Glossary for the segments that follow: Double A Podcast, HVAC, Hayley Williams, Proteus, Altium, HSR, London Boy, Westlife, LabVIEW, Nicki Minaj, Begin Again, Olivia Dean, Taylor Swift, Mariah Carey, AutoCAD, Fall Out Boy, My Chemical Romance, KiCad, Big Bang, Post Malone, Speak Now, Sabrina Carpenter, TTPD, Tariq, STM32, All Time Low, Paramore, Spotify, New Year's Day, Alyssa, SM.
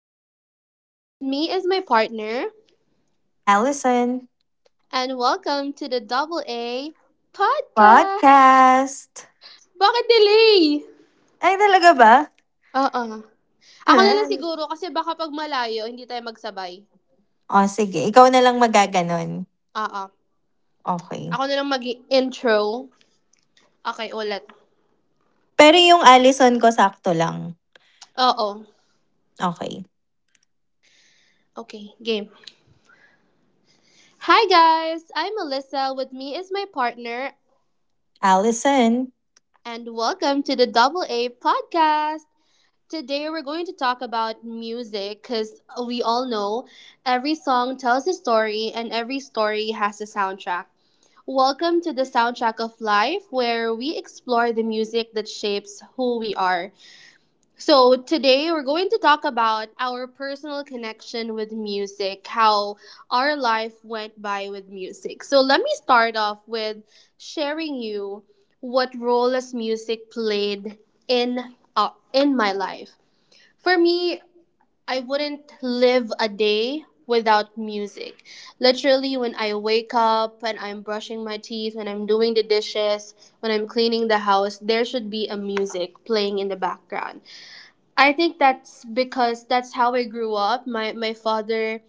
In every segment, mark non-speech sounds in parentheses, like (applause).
Alyssa. With me is my partner. Allison, And welcome to the Double A Podcast! podcast! Bakit delay? Ay, talaga ba? Oo. Ako na lang siguro (laughs) kasi baka pag malayo, hindi tayo magsabay. O, sige. Ikaw na lang magaganon. Oo. Okay. Ako na lang mag intro. Okay, ulit. Pero yung Allison ko, sakto lang. Oo. Okay. Okay, game. Hi guys, I'm Alyssa. With me is my partner. Allison, And welcome to the Double A Podcast. Today, we're going to talk about music because we all know every song tells a story and every story has a soundtrack. Welcome to the Soundtrack of Life, where we explore the music that shapes who we are. So today, we're going to talk about our personal connection with music, how our life went by with music. So let me start off with sharing you what role as music played in, in my life. For me, I wouldn't live a day without music. Literally, when I wake up and I'm brushing my teeth, when I'm doing the dishes, when I'm cleaning the house, there should be a music playing in the background. I think that's because that's how I grew up. My father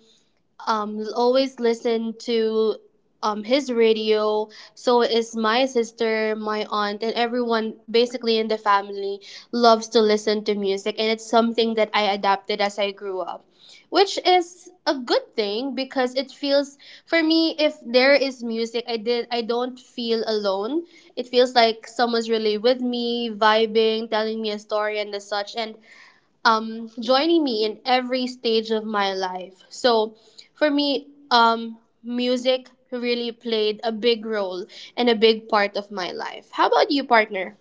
always listen to his radio, so is my sister, my aunt, and everyone basically in the family loves to listen to music, and it's something that I adapted as I grew up, which is a good thing because it feels for me if there is music I don't feel alone. It feels like someone's really with me vibing, telling me a story and the such, and joining me in every stage of my life. So for me, music really played a big role and a big part of my life. How about you, partner?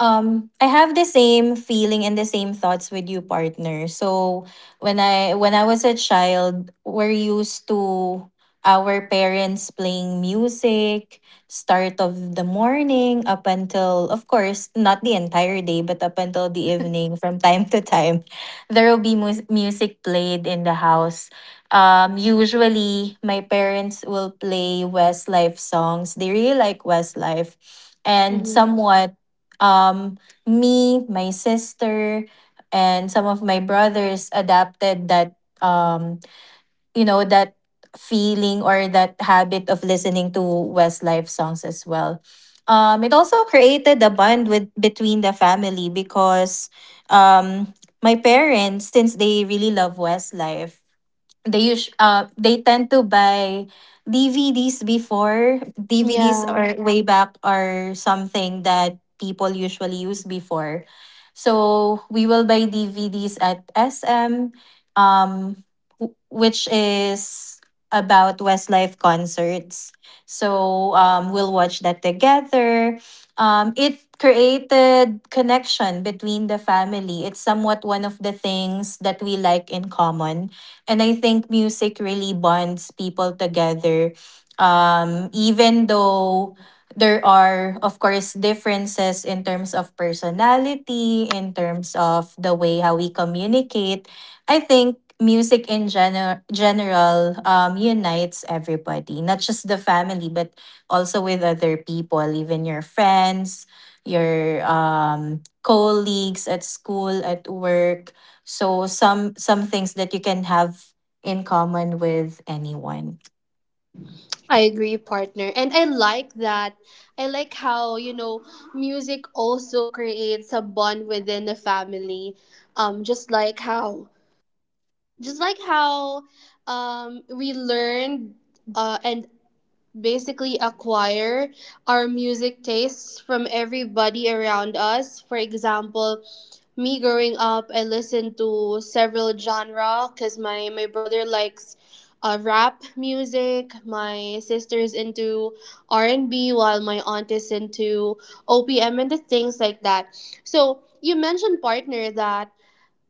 I have the same feeling and the same thoughts with you, partner. So when I was a child, we're used to our parents playing music start of the morning up until, of course, not the entire day but up until the evening from time to time. (laughs) There will be music played in the house. Um, usually my parents will play westlife songs. They really like westlife and Hmm. somewhat, um, me, my sister, and some of my brothers adapted that, um, you know, that feeling or that habit of listening to Westlife songs as well. It also created a bond with between the family because, um, my parents, since they really love Westlife, they tend to buy DVDs. Before, DVDs Yeah, or way back are something that people usually use before. So we will buy DVDs at SM, um, which is about Westlife concerts. So we'll watch that together. It created connection between the family. It's somewhat one of the things that we like in common, and I think music really bonds people together. Even though there are, of course, differences in terms of personality, in terms of the way how we communicate, I think music in general unites everybody, not just the family, but also with other people, even your friends, your colleagues at school, at work. So some things that you can have in common with anyone. I agree, partner. And I like that. I like how, you know, music also creates a bond within the family. Um, just like how, just like how we learned and basically acquire our music tastes from everybody around us. For example, me growing up, I listened to several genre because my brother likes rap music. My sister's into R and B, while my aunt is into OPM and the things like that. So you mentioned, partner, that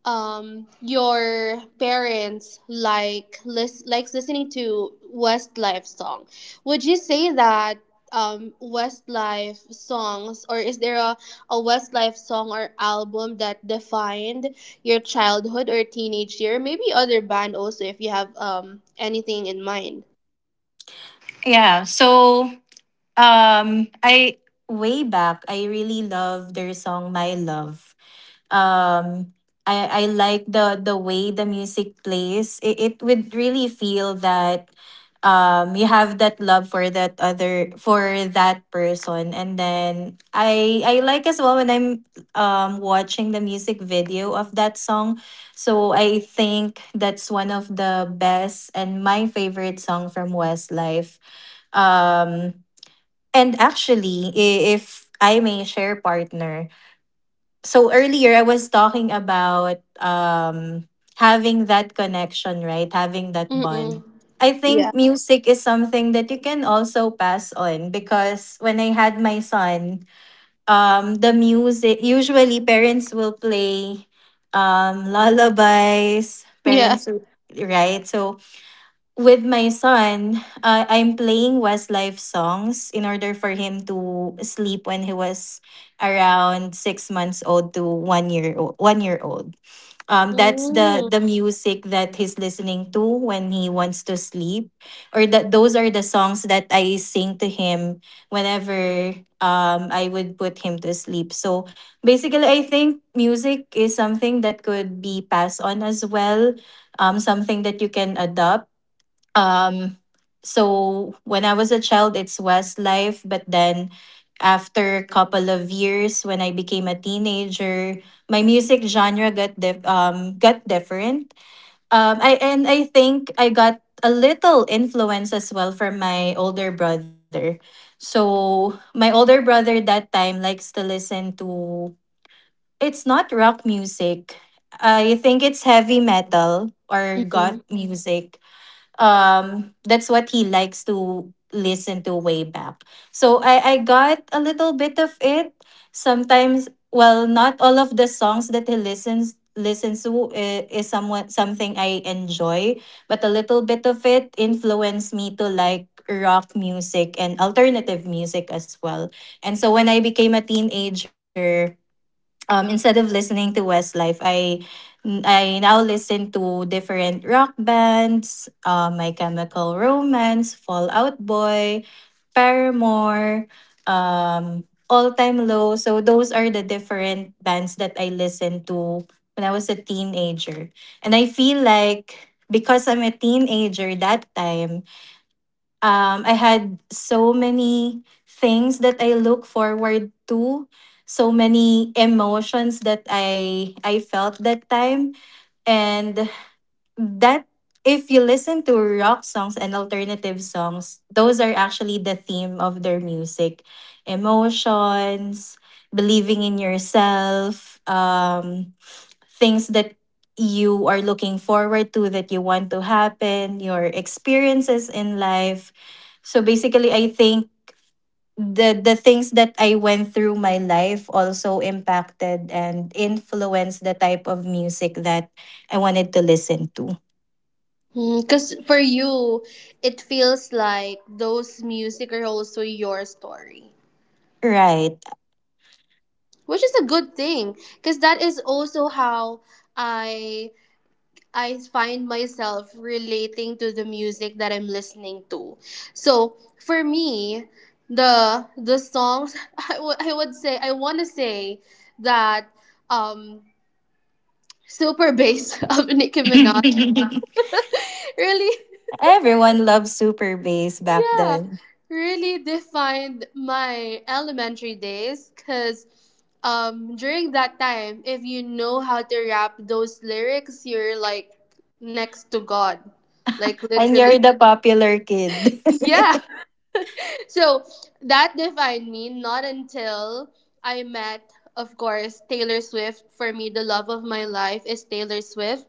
your parents like likes listening to Westlife song. Would you say that Westlife songs, or is there a Westlife song or album that defined your childhood or teenage year? Maybe other band also if you have anything in mind. Yeah. So I way back, I really love their song My Love. um I like the way the music plays. It would really feel that you have that love for that other for that person, and then I like as well when I'm watching the music video of that song. So I think that's one of the best and my favorite song from Westlife. Um and actually, if I may share, partner. So earlier I was talking about having that connection, right? Having that bond. Mm-mm. I Yeah. think music is something that you can also pass on because when I had my son, the music usually parents will play, lullabies. Yeah. Right? So with my son, I'm playing Westlife songs in order for him to sleep when he was around 6 months old to one year old. That's the Mm. music that he's listening to when he wants to sleep, or that those are the songs that I sing to him whenever I would put him to sleep. So basically, I think music is something that could be passed on as well, something that you can adopt. Um, so when I was a child, it's Westlife, but then after a couple of years, when I became a teenager, my music genre got got different. I and I think I got a little influence as well from my older brother. So my older brother that time likes to listen to, it's not rock music. I think it's heavy metal or goth music. That's what he likes to listen to way back. So I got a little bit of it. Sometimes, well, not all of the songs that he listens to is somewhat something I enjoy, but a little bit of it influenced me to like rock music and alternative music as well. And so when I became a teenager, instead of listening to Westlife, I now listen to different rock bands, My Chemical Romance, Fallout Boy, Paramore, um, All Time Low. So those are the different bands that I listened to when I was a teenager, and I feel like because I'm a teenager that time, I had so many things that I look forward to, so many emotions that I felt that time, and that if you listen to rock songs and alternative songs, those are actually the theme of their music. Emotions, believing in yourself, things that you are looking forward to that you want to happen, your experiences in life. So basically, I think the things that I went through my life also impacted and influenced the type of music that I wanted to listen to. Because for you, it feels like those music are also your story, Right. which is a good thing. Because that is also how I I find myself relating to the music that I'm listening to. So for me, the songs (laughs) I, w- I would say I want to say that um super bass (laughs) of Nicki Minaj (laughs) (laughs) really, Everyone loved Super Bass back yeah, then. really defined my elementary days because during that time, if you know how to rap those lyrics, you're like next to God. Like And literally. you're (laughs) the popular kid. Yeah. (laughs) So that defined me not until I met, of course, Taylor Swift. For me, the love of my life is Taylor Swift.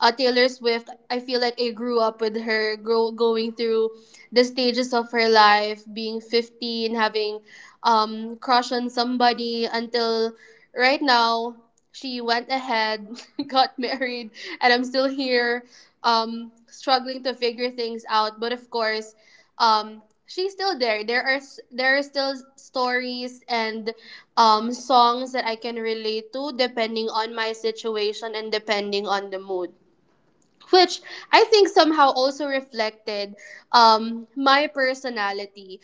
Taylor Swift, I feel like I grew up with her, going through the stages of her life, being 15, having crush on somebody until right now she went ahead, (laughs) got married, and I'm still here struggling to figure things out. But of course, she's still there. There are still stories and songs that I can relate to depending on my situation and depending on the mood, which I think somehow also reflected my personality.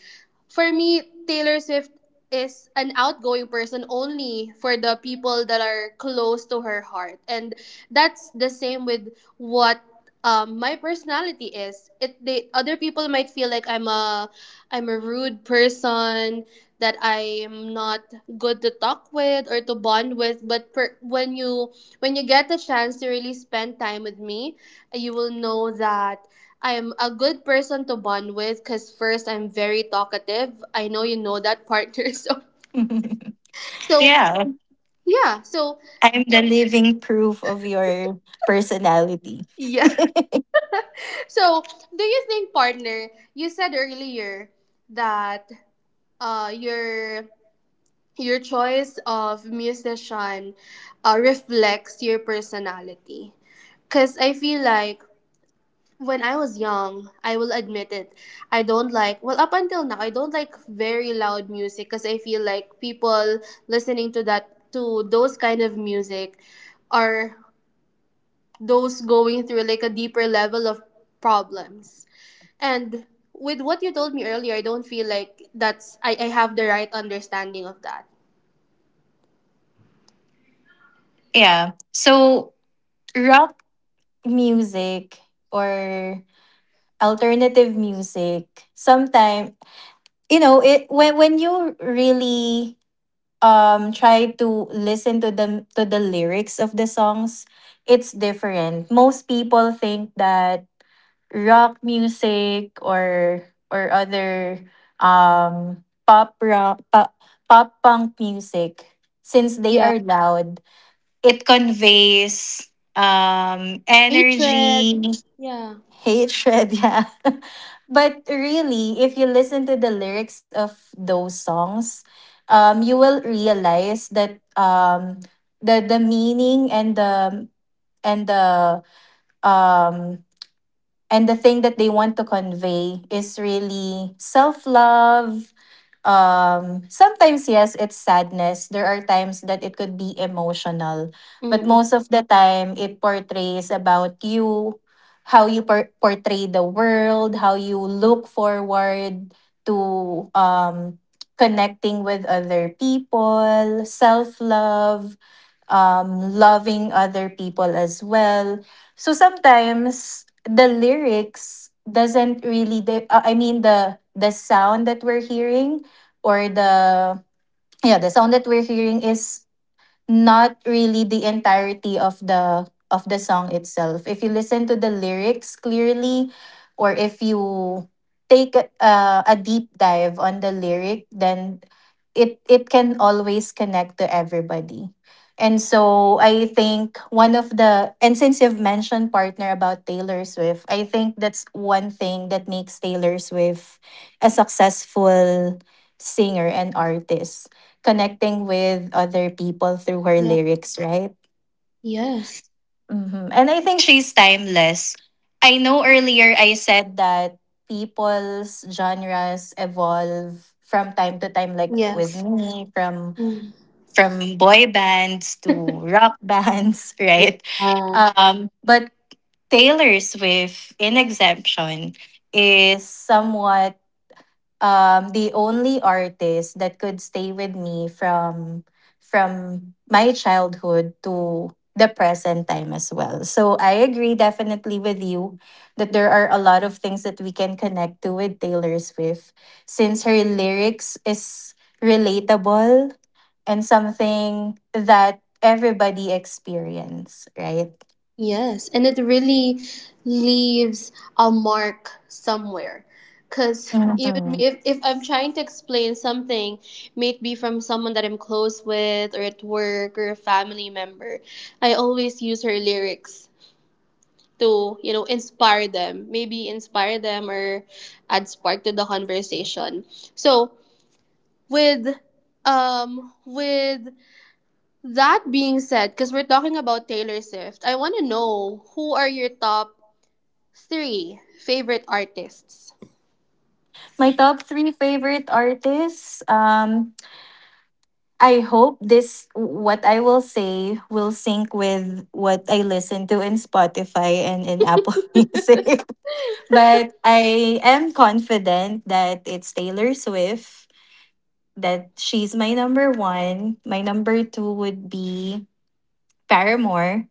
For me, Taylor Swift is an outgoing person only for the people that are close to her heart. And that's the same with what my personality is. Other people might feel like I'm a rude person, that I'm not good to talk with or to bond with, but when you get the chance to really spend time with me, you will know that I'm a good person to bond with because first I'm very talkative. I know you know that, partner. (laughs) So, (laughs) so Yeah. yeah, so I'm the living proof of your personality. (laughs) yeah. (laughs) So do you think, partner, you said earlier that your choice of musician reflects your personality. Cause I feel like when I was young, I will admit it. I don't like, well, up until now, I don't like very loud music because I feel like people listening to that, to those kind of music, are those going through like a deeper level of problems. And with what you told me earlier, I don't feel like that's, I have the right understanding of that. Yeah. So, rock music or alternative music, sometimes, it when you really try to listen to the lyrics of the songs, it's different. Most people think that rock music or other um pop rock pop, pop punk music, since they Yeah. are loud, it conveys, Hatred. energy. Yeah. Hatred, yeah. (laughs) But really, if you listen to the lyrics of those songs, you will realize that, the meaning and the um and the thing that they want to convey is really self love. Sometimes, yes, it's sadness. There are times that it could be emotional, but Mm-mm. most of the time, it portrays about you, how you portray the world, how you look forward to, um, connecting with other people, self love, loving other people as well. So sometimes the lyrics doesn't really I mean, the sound that we're hearing, or the yeah, the sound that we're hearing is not really the entirety of the song itself. If you listen to the lyrics clearly, or if you take a deep dive on the lyric, then it can always connect to everybody. And so I think one of the and since you've mentioned, partner, about Taylor Swift, I think that's one thing that makes Taylor Swift a successful singer and artist connecting with other people through her Yeah. lyrics, right? Yes. And I think she's timeless. I know earlier I said that people's genres evolve from time to time, like with Yes. me, from Mm. Boy bands to (laughs) rock bands, (laughs) Yeah. right? But Taylor Swift, in exemption, is somewhat the only artist that could stay with me from from my childhood to the present time as well. So I agree, definitely, with you that there are a lot of things that we can connect to with Taylor Swift, since her lyrics is relatable and something that everybody experience, right? Yes, and it really leaves a mark somewhere. Because even me, Mhm. If I'm trying to explain something, may it be from someone that I'm close with, or at work, or a family member, I always use her lyrics to, you know, inspire them. Maybe inspire them or add spark to the conversation. So, with um with that being said, because we're talking about Taylor Swift, I want to know who are your top three favorite artists. My top three favorite artists. I hope this what I will say will sync with what I listen to in Spotify and in Apple (laughs) Music. (laughs) But I am confident that it's Taylor Swift, that she's my number one. My number two would be Paramore.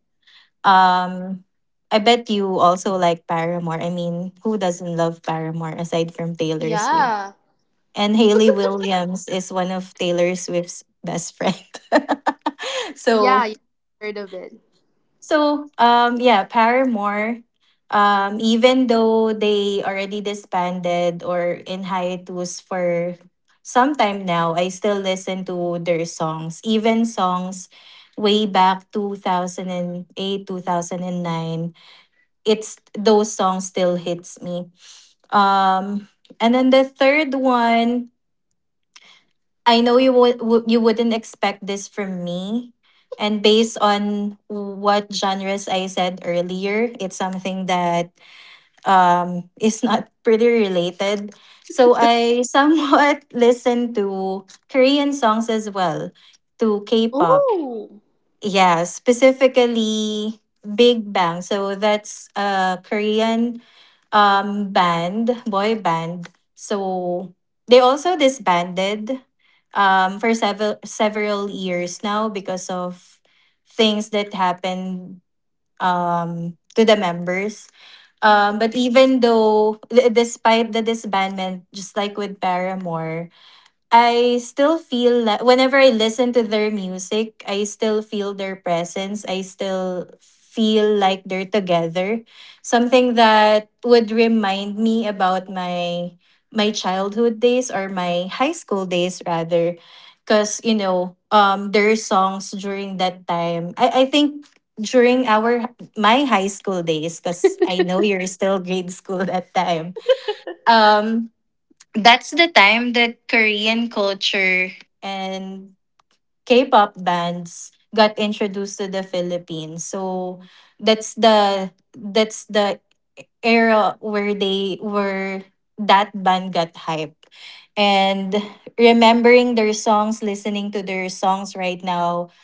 Um I bet you also like Paramore. I mean, who doesn't love Paramore aside from Taylor Swift? Yeah. And Haley Williams is one of Taylor Swift's best friend. (laughs) Yeah, so yeah. Heard of it. so, yeah, Paramore, even though they already disbanded or in hiatus for some time now, I still listen to their songs, even songs way back 2008 2009. It's those songs still hits me. Um, and then the third one, I know you wouldn't expect this from me. And based on what genres I said earlier, it's something that, is not pretty related. So I somewhat (laughs) listen to Korean songs as well, to K pop. Ooh. Yeah, specifically Big Bang. So that's a Korean band, boy band. So they also disbanded for several years now because of things that happened to the members. Yeah. But even though despite the disbandment, just like with Paramore, I still feel like whenever I listen to their music, I still feel their presence. I still feel like they're together. Something that would remind me about my childhood days or my high school days rather. Cause, their songs during that time. I think during our my high school days, because I know you're still grade school (laughs) that time. Um that's the time that Korean culture and K-pop bands got introduced to the Philippines. So that's the era where they were that band got hype. And remembering their songs, listening to their songs right now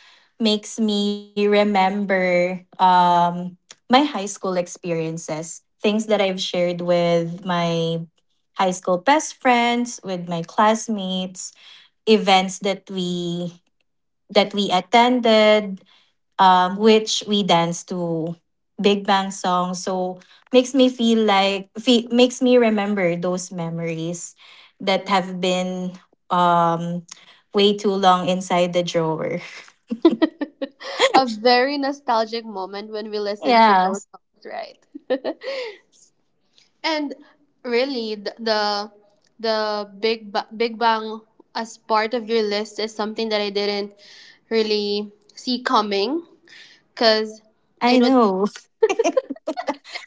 makes me remember, my high school experiences, things that I've shared with my high school best friends, with my classmates, events that we attended, which we danced to Big Bang song. So makes me feel like makes me remember those memories that have been, um, way too long inside the drawer. (laughs) A very nostalgic moment when we listen to Yeah, those songs, right? (laughs) And really the big bang as part of your list is something that I didn't really see coming cuz I I know know.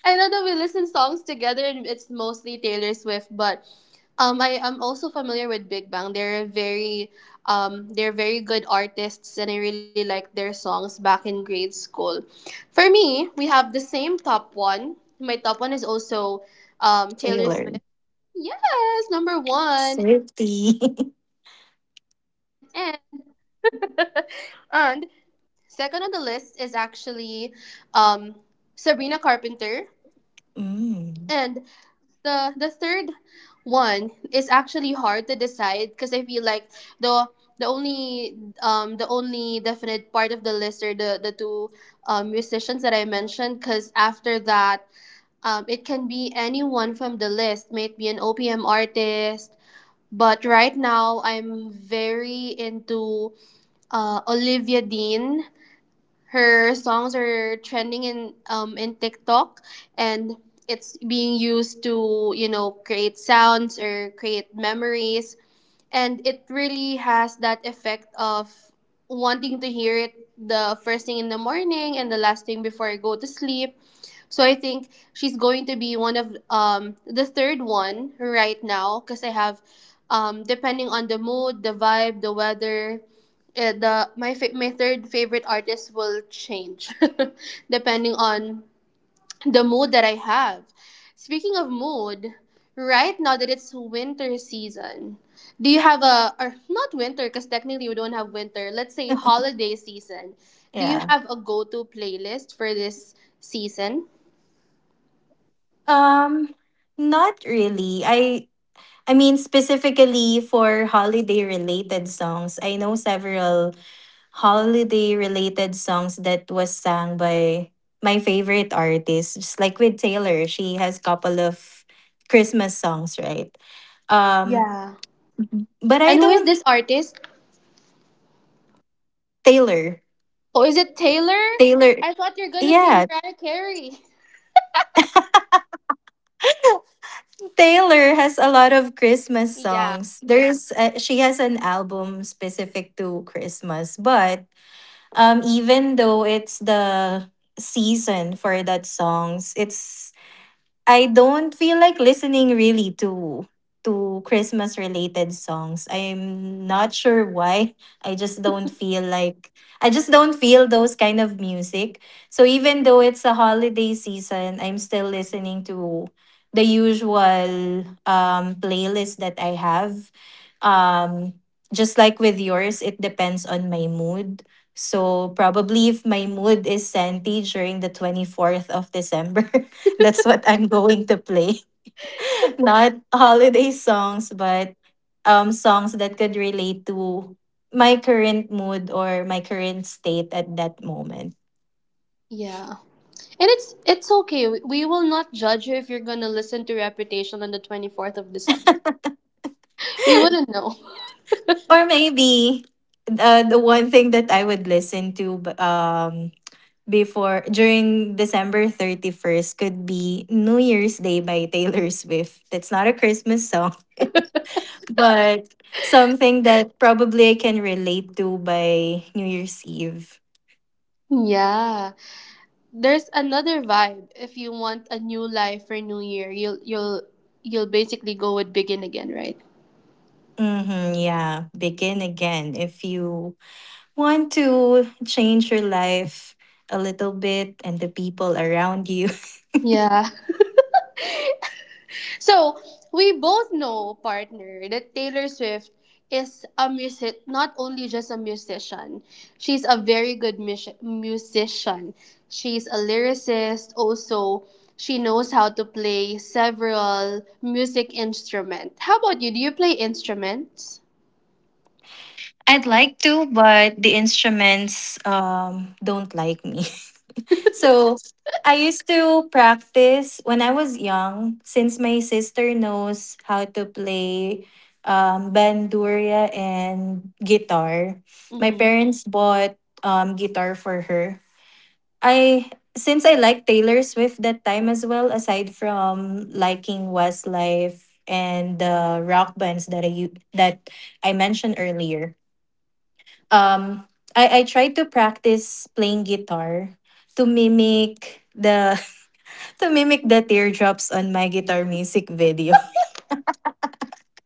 I know that we listen songs together and it's mostly Taylor Swift, but I am also familiar with Big Bang. They're a very they're very good artists, and I really like their songs back in grade school. For me, we have the same top one. My top one is also Taylor Swift. Taylor Yes, number one, and Swifty. (laughs) (laughs) and second on the list is actually um, Sabrina Carpenter. And Mm, the third one is actually hard to decide because I feel like the the only the only definite part of the list are the two musicians that I mentioned, because after that it can be anyone from the list, might be an OPM artist, but right now I'm very into Olivia Dean. Her songs are trending in TikTok, and it's being used to, you know, create sounds or create memories, and it really has that effect of wanting to hear it the first thing in the morning and the last thing before I go to sleep. So I think she's going to be one of the third one right now because I have depending on the mood, the vibe, the weather, the my my third favorite artist will change (laughs) depending on the mood that I have. Speaking of mood, right now that it's winter season, do you have a, or not winter, because technically we don't have winter, let's say holiday season. Do you have yeah. a go to playlist for this season? Um, not really. I mean specifically for holiday related songs. I know several holiday related songs that was sung by my favorite artists. Just like with Taylor, she has couple of Christmas songs, right? Um, Yeah. but I And who is don't. this artist? Taylor. Oh, is it Taylor? Taylor, I thought you're gonna say yeah. Mariah Carey. (laughs) (laughs) Taylor has a lot of Christmas Yeah. songs. There's she has an album specific to Christmas, but even though it's the season for that songs, it's I don't feel like listening really to Christmas related songs. I'm not sure why. I just don't feel like I just don't feel those kind of music. So even though it's a holiday season, I'm still listening to the usual playlist that I have. Um just like with yours, it depends on my mood. So probably if my mood is santi during the 24th of December. (laughs) That's what I'm going to play. (laughs) Not holiday songs, but songs that could relate to my current mood or my current state at that moment. Yeah. And it's okay. We will not judge you if you're gonna listen to Reputation on the 24th of December. We wouldn't know. (laughs) Or maybe the one thing that I would listen to before during December 31st could be New Year's Day by Taylor Swift. That's not a Christmas song, (laughs) but something that probably I can relate to by New Year's Eve. Yeah. There's another vibe. If you want a new life for New Year, you'll basically go with Begin Again, right? Mm-hmm, yeah, begin again. If you want to change your life a little bit and the people around you. Yeah. So we both know, partner, that Taylor Swift is a music not only just a musician. She's a very good musician. She's a lyricist also. She knows how to play several music instruments. How about you? Do you play instruments? (laughs) I'd like to, but the instruments don't like me. (laughs) So I used to practice when I was young, since my sister knows how to play bandurria and guitar. My Mm-hmm. parents bought guitar for her. I since I like Taylor Swift that time as well, aside from liking Westlife and the rock bands that that I mentioned earlier. Um, I tried to practice playing guitar to mimic the (laughs) to mimic the teardrops on my guitar music video.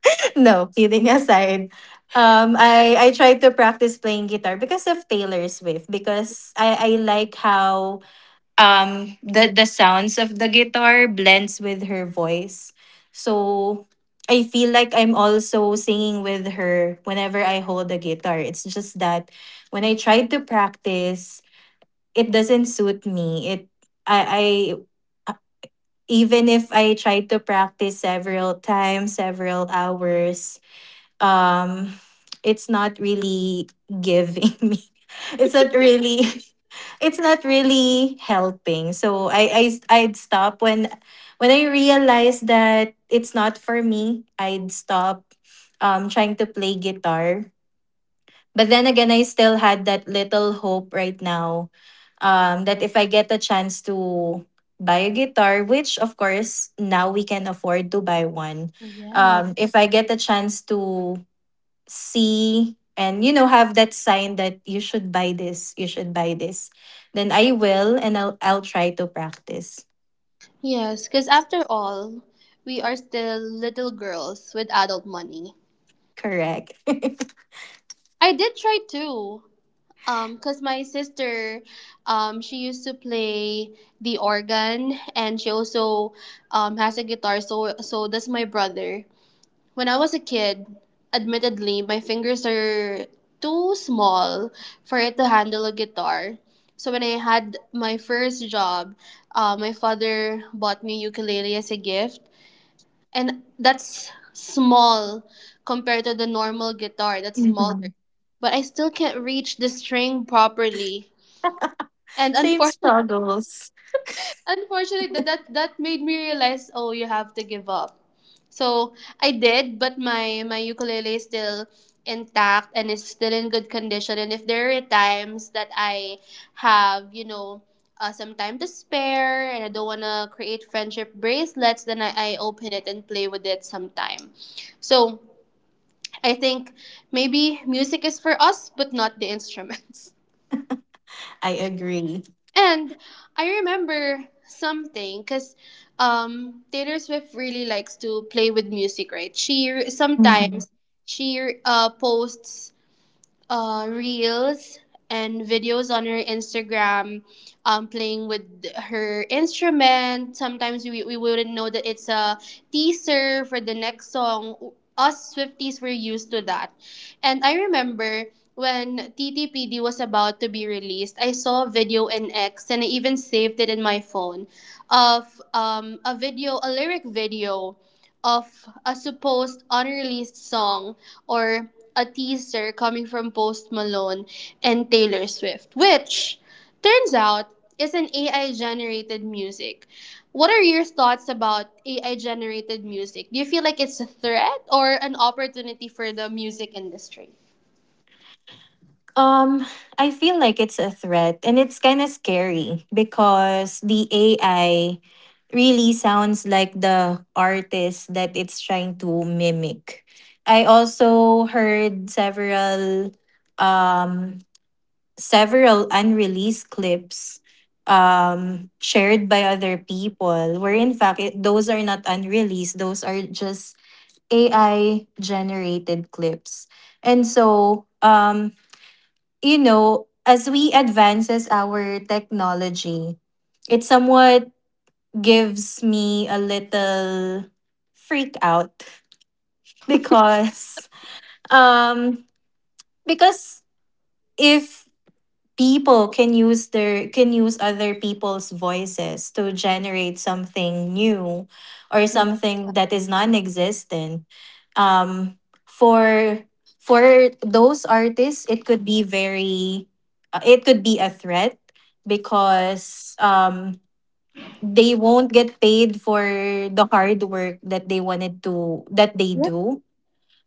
(laughs) No, kidding aside. I tried to practice playing guitar because of Taylor Swift because I like how the sounds of the guitar blends with her voice so I feel like I'm also singing with her whenever I hold the guitar. It's just that when I tried to practice, it doesn't suit me. It I I Even if I tried to practice several times, several hours, um it's not really giving (laughs) me, it's not really, it's not really helping. So I I'd stop when I realized that it's not for me. I'd stop trying to play guitar. But then again, I still had that little hope right now that if I get a chance to buy a guitar, which of course now we can afford to buy one. Yeah. If I get a chance to see and you know have that sign that you should buy this, you should buy this, then I will and I'll try to practice. Yes, because after all, we are still little girls with adult money. Correct. (laughs) I did try too. Cause my sister, she used to play the organ, and she also, has a guitar. So so does my brother. When I was a kid, admittedly, my fingers are too small for it to handle a guitar. So when I had my first job, my father bought me ukulele as a gift, and that's small compared to the normal guitar, that's smaller, Mhm. but I still can't reach the string properly, and Same unfortunately struggles. unfortunately that made me realize oh you have to give up, so I did, but my ukulele is still intact and is still in good condition, and if there are times that I have, you know, some time to spare and I don't want to create friendship bracelets, then I open it and play with it sometime. So I think maybe music is for us but not the instruments. (laughs) I agree. And I remember something because Taylor Swift really likes to play with music, right? Sometimes she posts reels and videos on her Instagram, playing with her instrument. Sometimes we wouldn't know that it's a teaser for the next song. Us Swifties were used to that. And I remember when TTPD was about to be released, I saw a video in X and I even saved it in my phone of a video, a lyric video of a supposed unreleased song or a teaser coming from Post Malone and Taylor Swift, which turns out is an AI generated music. What are your thoughts about AI generated music? Do you feel like it's a threat or an opportunity for the music industry? Um, I feel like it's a threat and it's kind of scary because the AI really sounds like the artist that it's trying to mimic. I also heard several um several unreleased clips shared by other people where in fact it, those are not unreleased, those are just AI generated clips. And so, you know, as we advances our technology, it somewhat gives me a little freak out (laughs) because um because if people can use their can use other people's voices to generate something new or something that is non-existent um for for those artists it could be very it could be a threat because they won't get paid for the hard work that they wanted to that they do,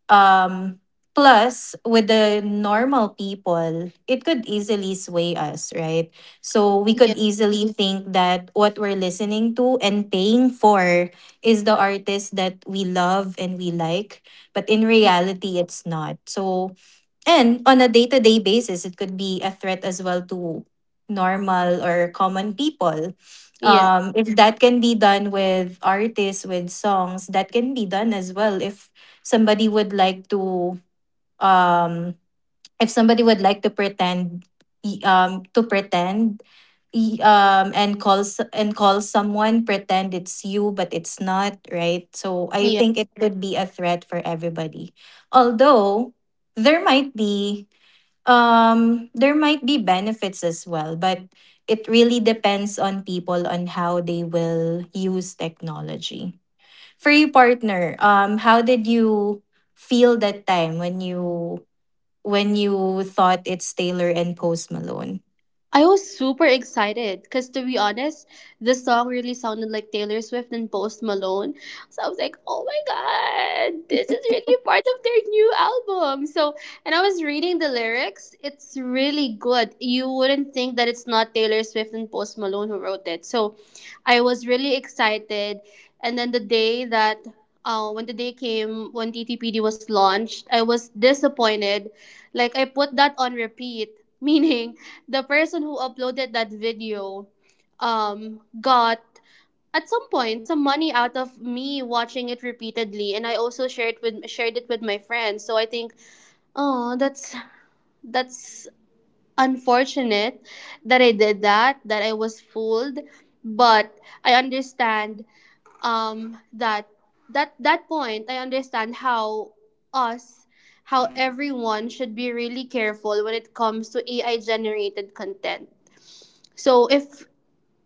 um, plus, with the normal people, it could easily sway us, right? So we could easily think that what we're listening to and paying for is the artist that we love and we like. But in reality, it's not. So and on a day to day basis, it could be a threat as well to normal or common people. 也 If that can be done with artists, with songs, that can be done as well. If somebody would like to, um, if somebody would like to pretend, to pretend, and calls and call someone pretend it's you, but it's not, right? So I think it could be a threat for everybody. Although there might be there might be benefits as well, but it really depends on people on how they will use technology. For you, partner, how did you feel that time when you thought it's Taylor and Post Malone? I was super excited because, to be honest, the song really sounded like Taylor Swift and Post Malone. So I was like, oh my God, this is really part of their new album. So, and I was reading the lyrics. It's really good. You wouldn't think that it's not Taylor Swift and Post Malone who wrote it. So I was really excited. And then the day that, when the day came, when TTPD was launched, I was disappointed. Like, I put that on repeat, (laughs) meaning, the person who uploaded that video got at some point some money out of me watching it repeatedly, and I also shared it with my friends. So I think oh that's unfortunate that I did that, that I was fooled. But I understand that that point I understand how us, how everyone should be really careful when it comes to AI generated content. So if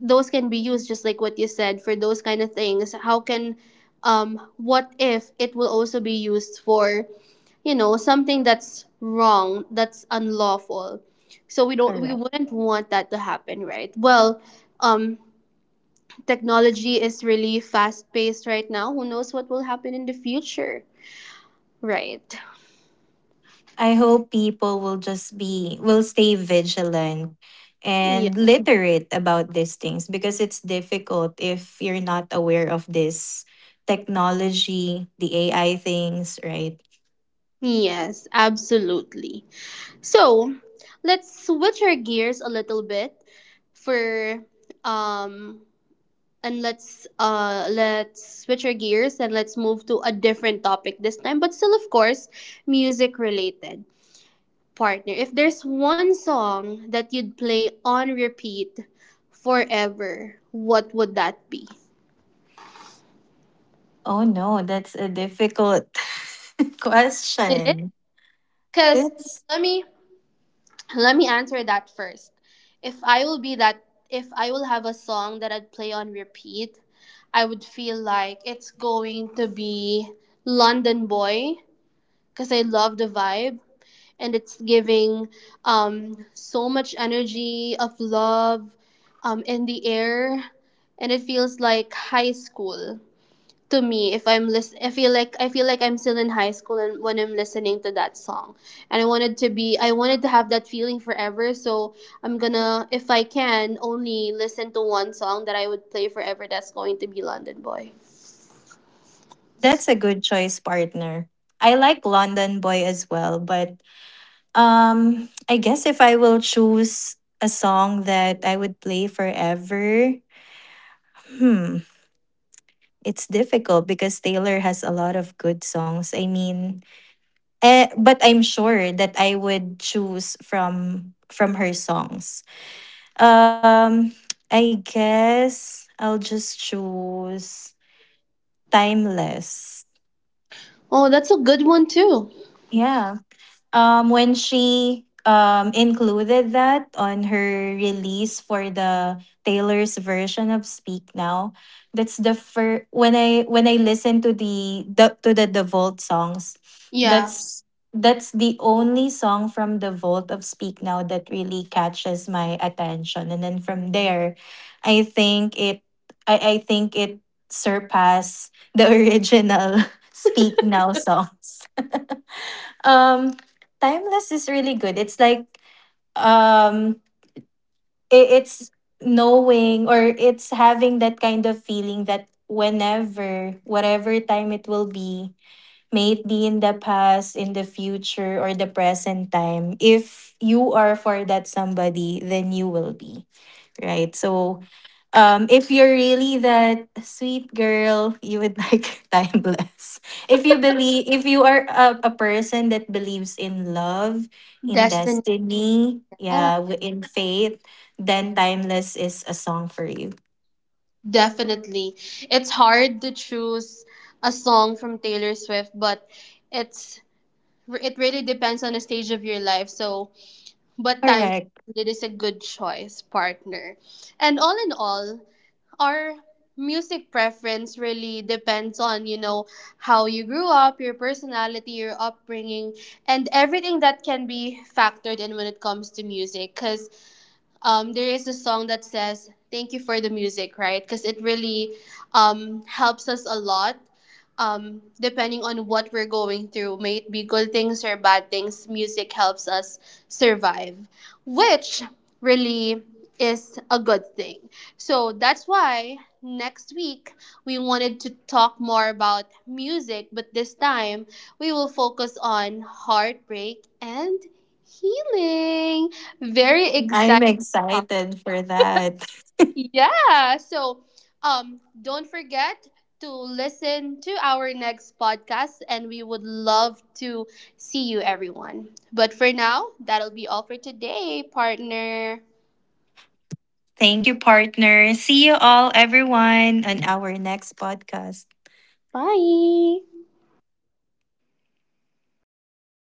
those can be used just like what you said for those kind of things, how can what if it will also be used for something that's wrong, that's unlawful. So we don't we Correct. wouldn't want that to happen, right? Well, um technology is really fast paced right now. Who knows what will happen in the future, right? I hope people will just be will stay vigilant Yeah. and literate about these things because it's difficult if you're not aware of this technology, the AI things, right? Yes, absolutely. So let's switch our gears a little bit for um and let's switch our gears and let's move to a different topic this time, but still of course music related. Partner, if there's one song that you'd play on repeat forever, what would that be? Oh no, that's a difficult (laughs) It is, question. because It's let me, let me answer that first. If I will be that, if I will have a song that I'd play on repeat, I would feel like it's going to be London Boy, because I love the vibe and it's giving so much energy of love in the air, and it feels like high school to me. If I feel like, I feel like I'm still in high school and when I'm listening to that song, and I wanted to be, I wanted to have that feeling forever. So I'm gonna, if I can only listen to one song that I would play forever, that's going to be London Boy. that's a good choice, partner. I like London Boy as well, but um, I guess if I will choose a song that I would play forever, hmm, it's difficult because Taylor has a lot of good songs. I mean, eh, but I'm sure that I would choose from her songs. Um, I guess I'll just choose Timeless. Oh, that's a good one too. Yeah, um, when she included that on her release for the Taylor's version of Speak Now, that's the first when I listen to the Vault songs, Yeah. that's that's the only song from the Vault of Speak Now that really catches my attention, and then from there, I think it I think it surpass the original (laughs) Speak Now songs. Um, timeless is really good. It's like um, it's knowing or it's having that kind of feeling that whenever, whatever time it will be, may it be in the past, in the future, or the present time. If you are for that somebody, then you will be, right? So, if you're really that sweet girl, you would like (laughs) timeless. If you believe, if you are a person that believes in love, in Destiny. destiny, yeah, in faith, then timeless is a song for you. Definitely. It's hard to choose a song from Taylor Swift, but it's, it really depends on the stage of your life. So, but time, Correct. it is a good choice, partner. And all in all, our music preference really depends on, you know, how you grew up, your personality, your upbringing, and everything that can be factored in when it comes to music, cuz there is a song that says "Thank you for the music," right? Because it really helps us a lot. Depending on what we're going through, may it be good things or bad things, music helps us survive, which really is a good thing. So that's why next week we wanted to talk more about music, but this time we will focus on heartbreak and healing. Very I'm excited. excited for that. Yeah. So, don't forget to listen to our next podcast, and we would love to see you, everyone. But for now, that'll be all for today, partner. Thank you, partner. See you all, everyone, on our next podcast. Bye.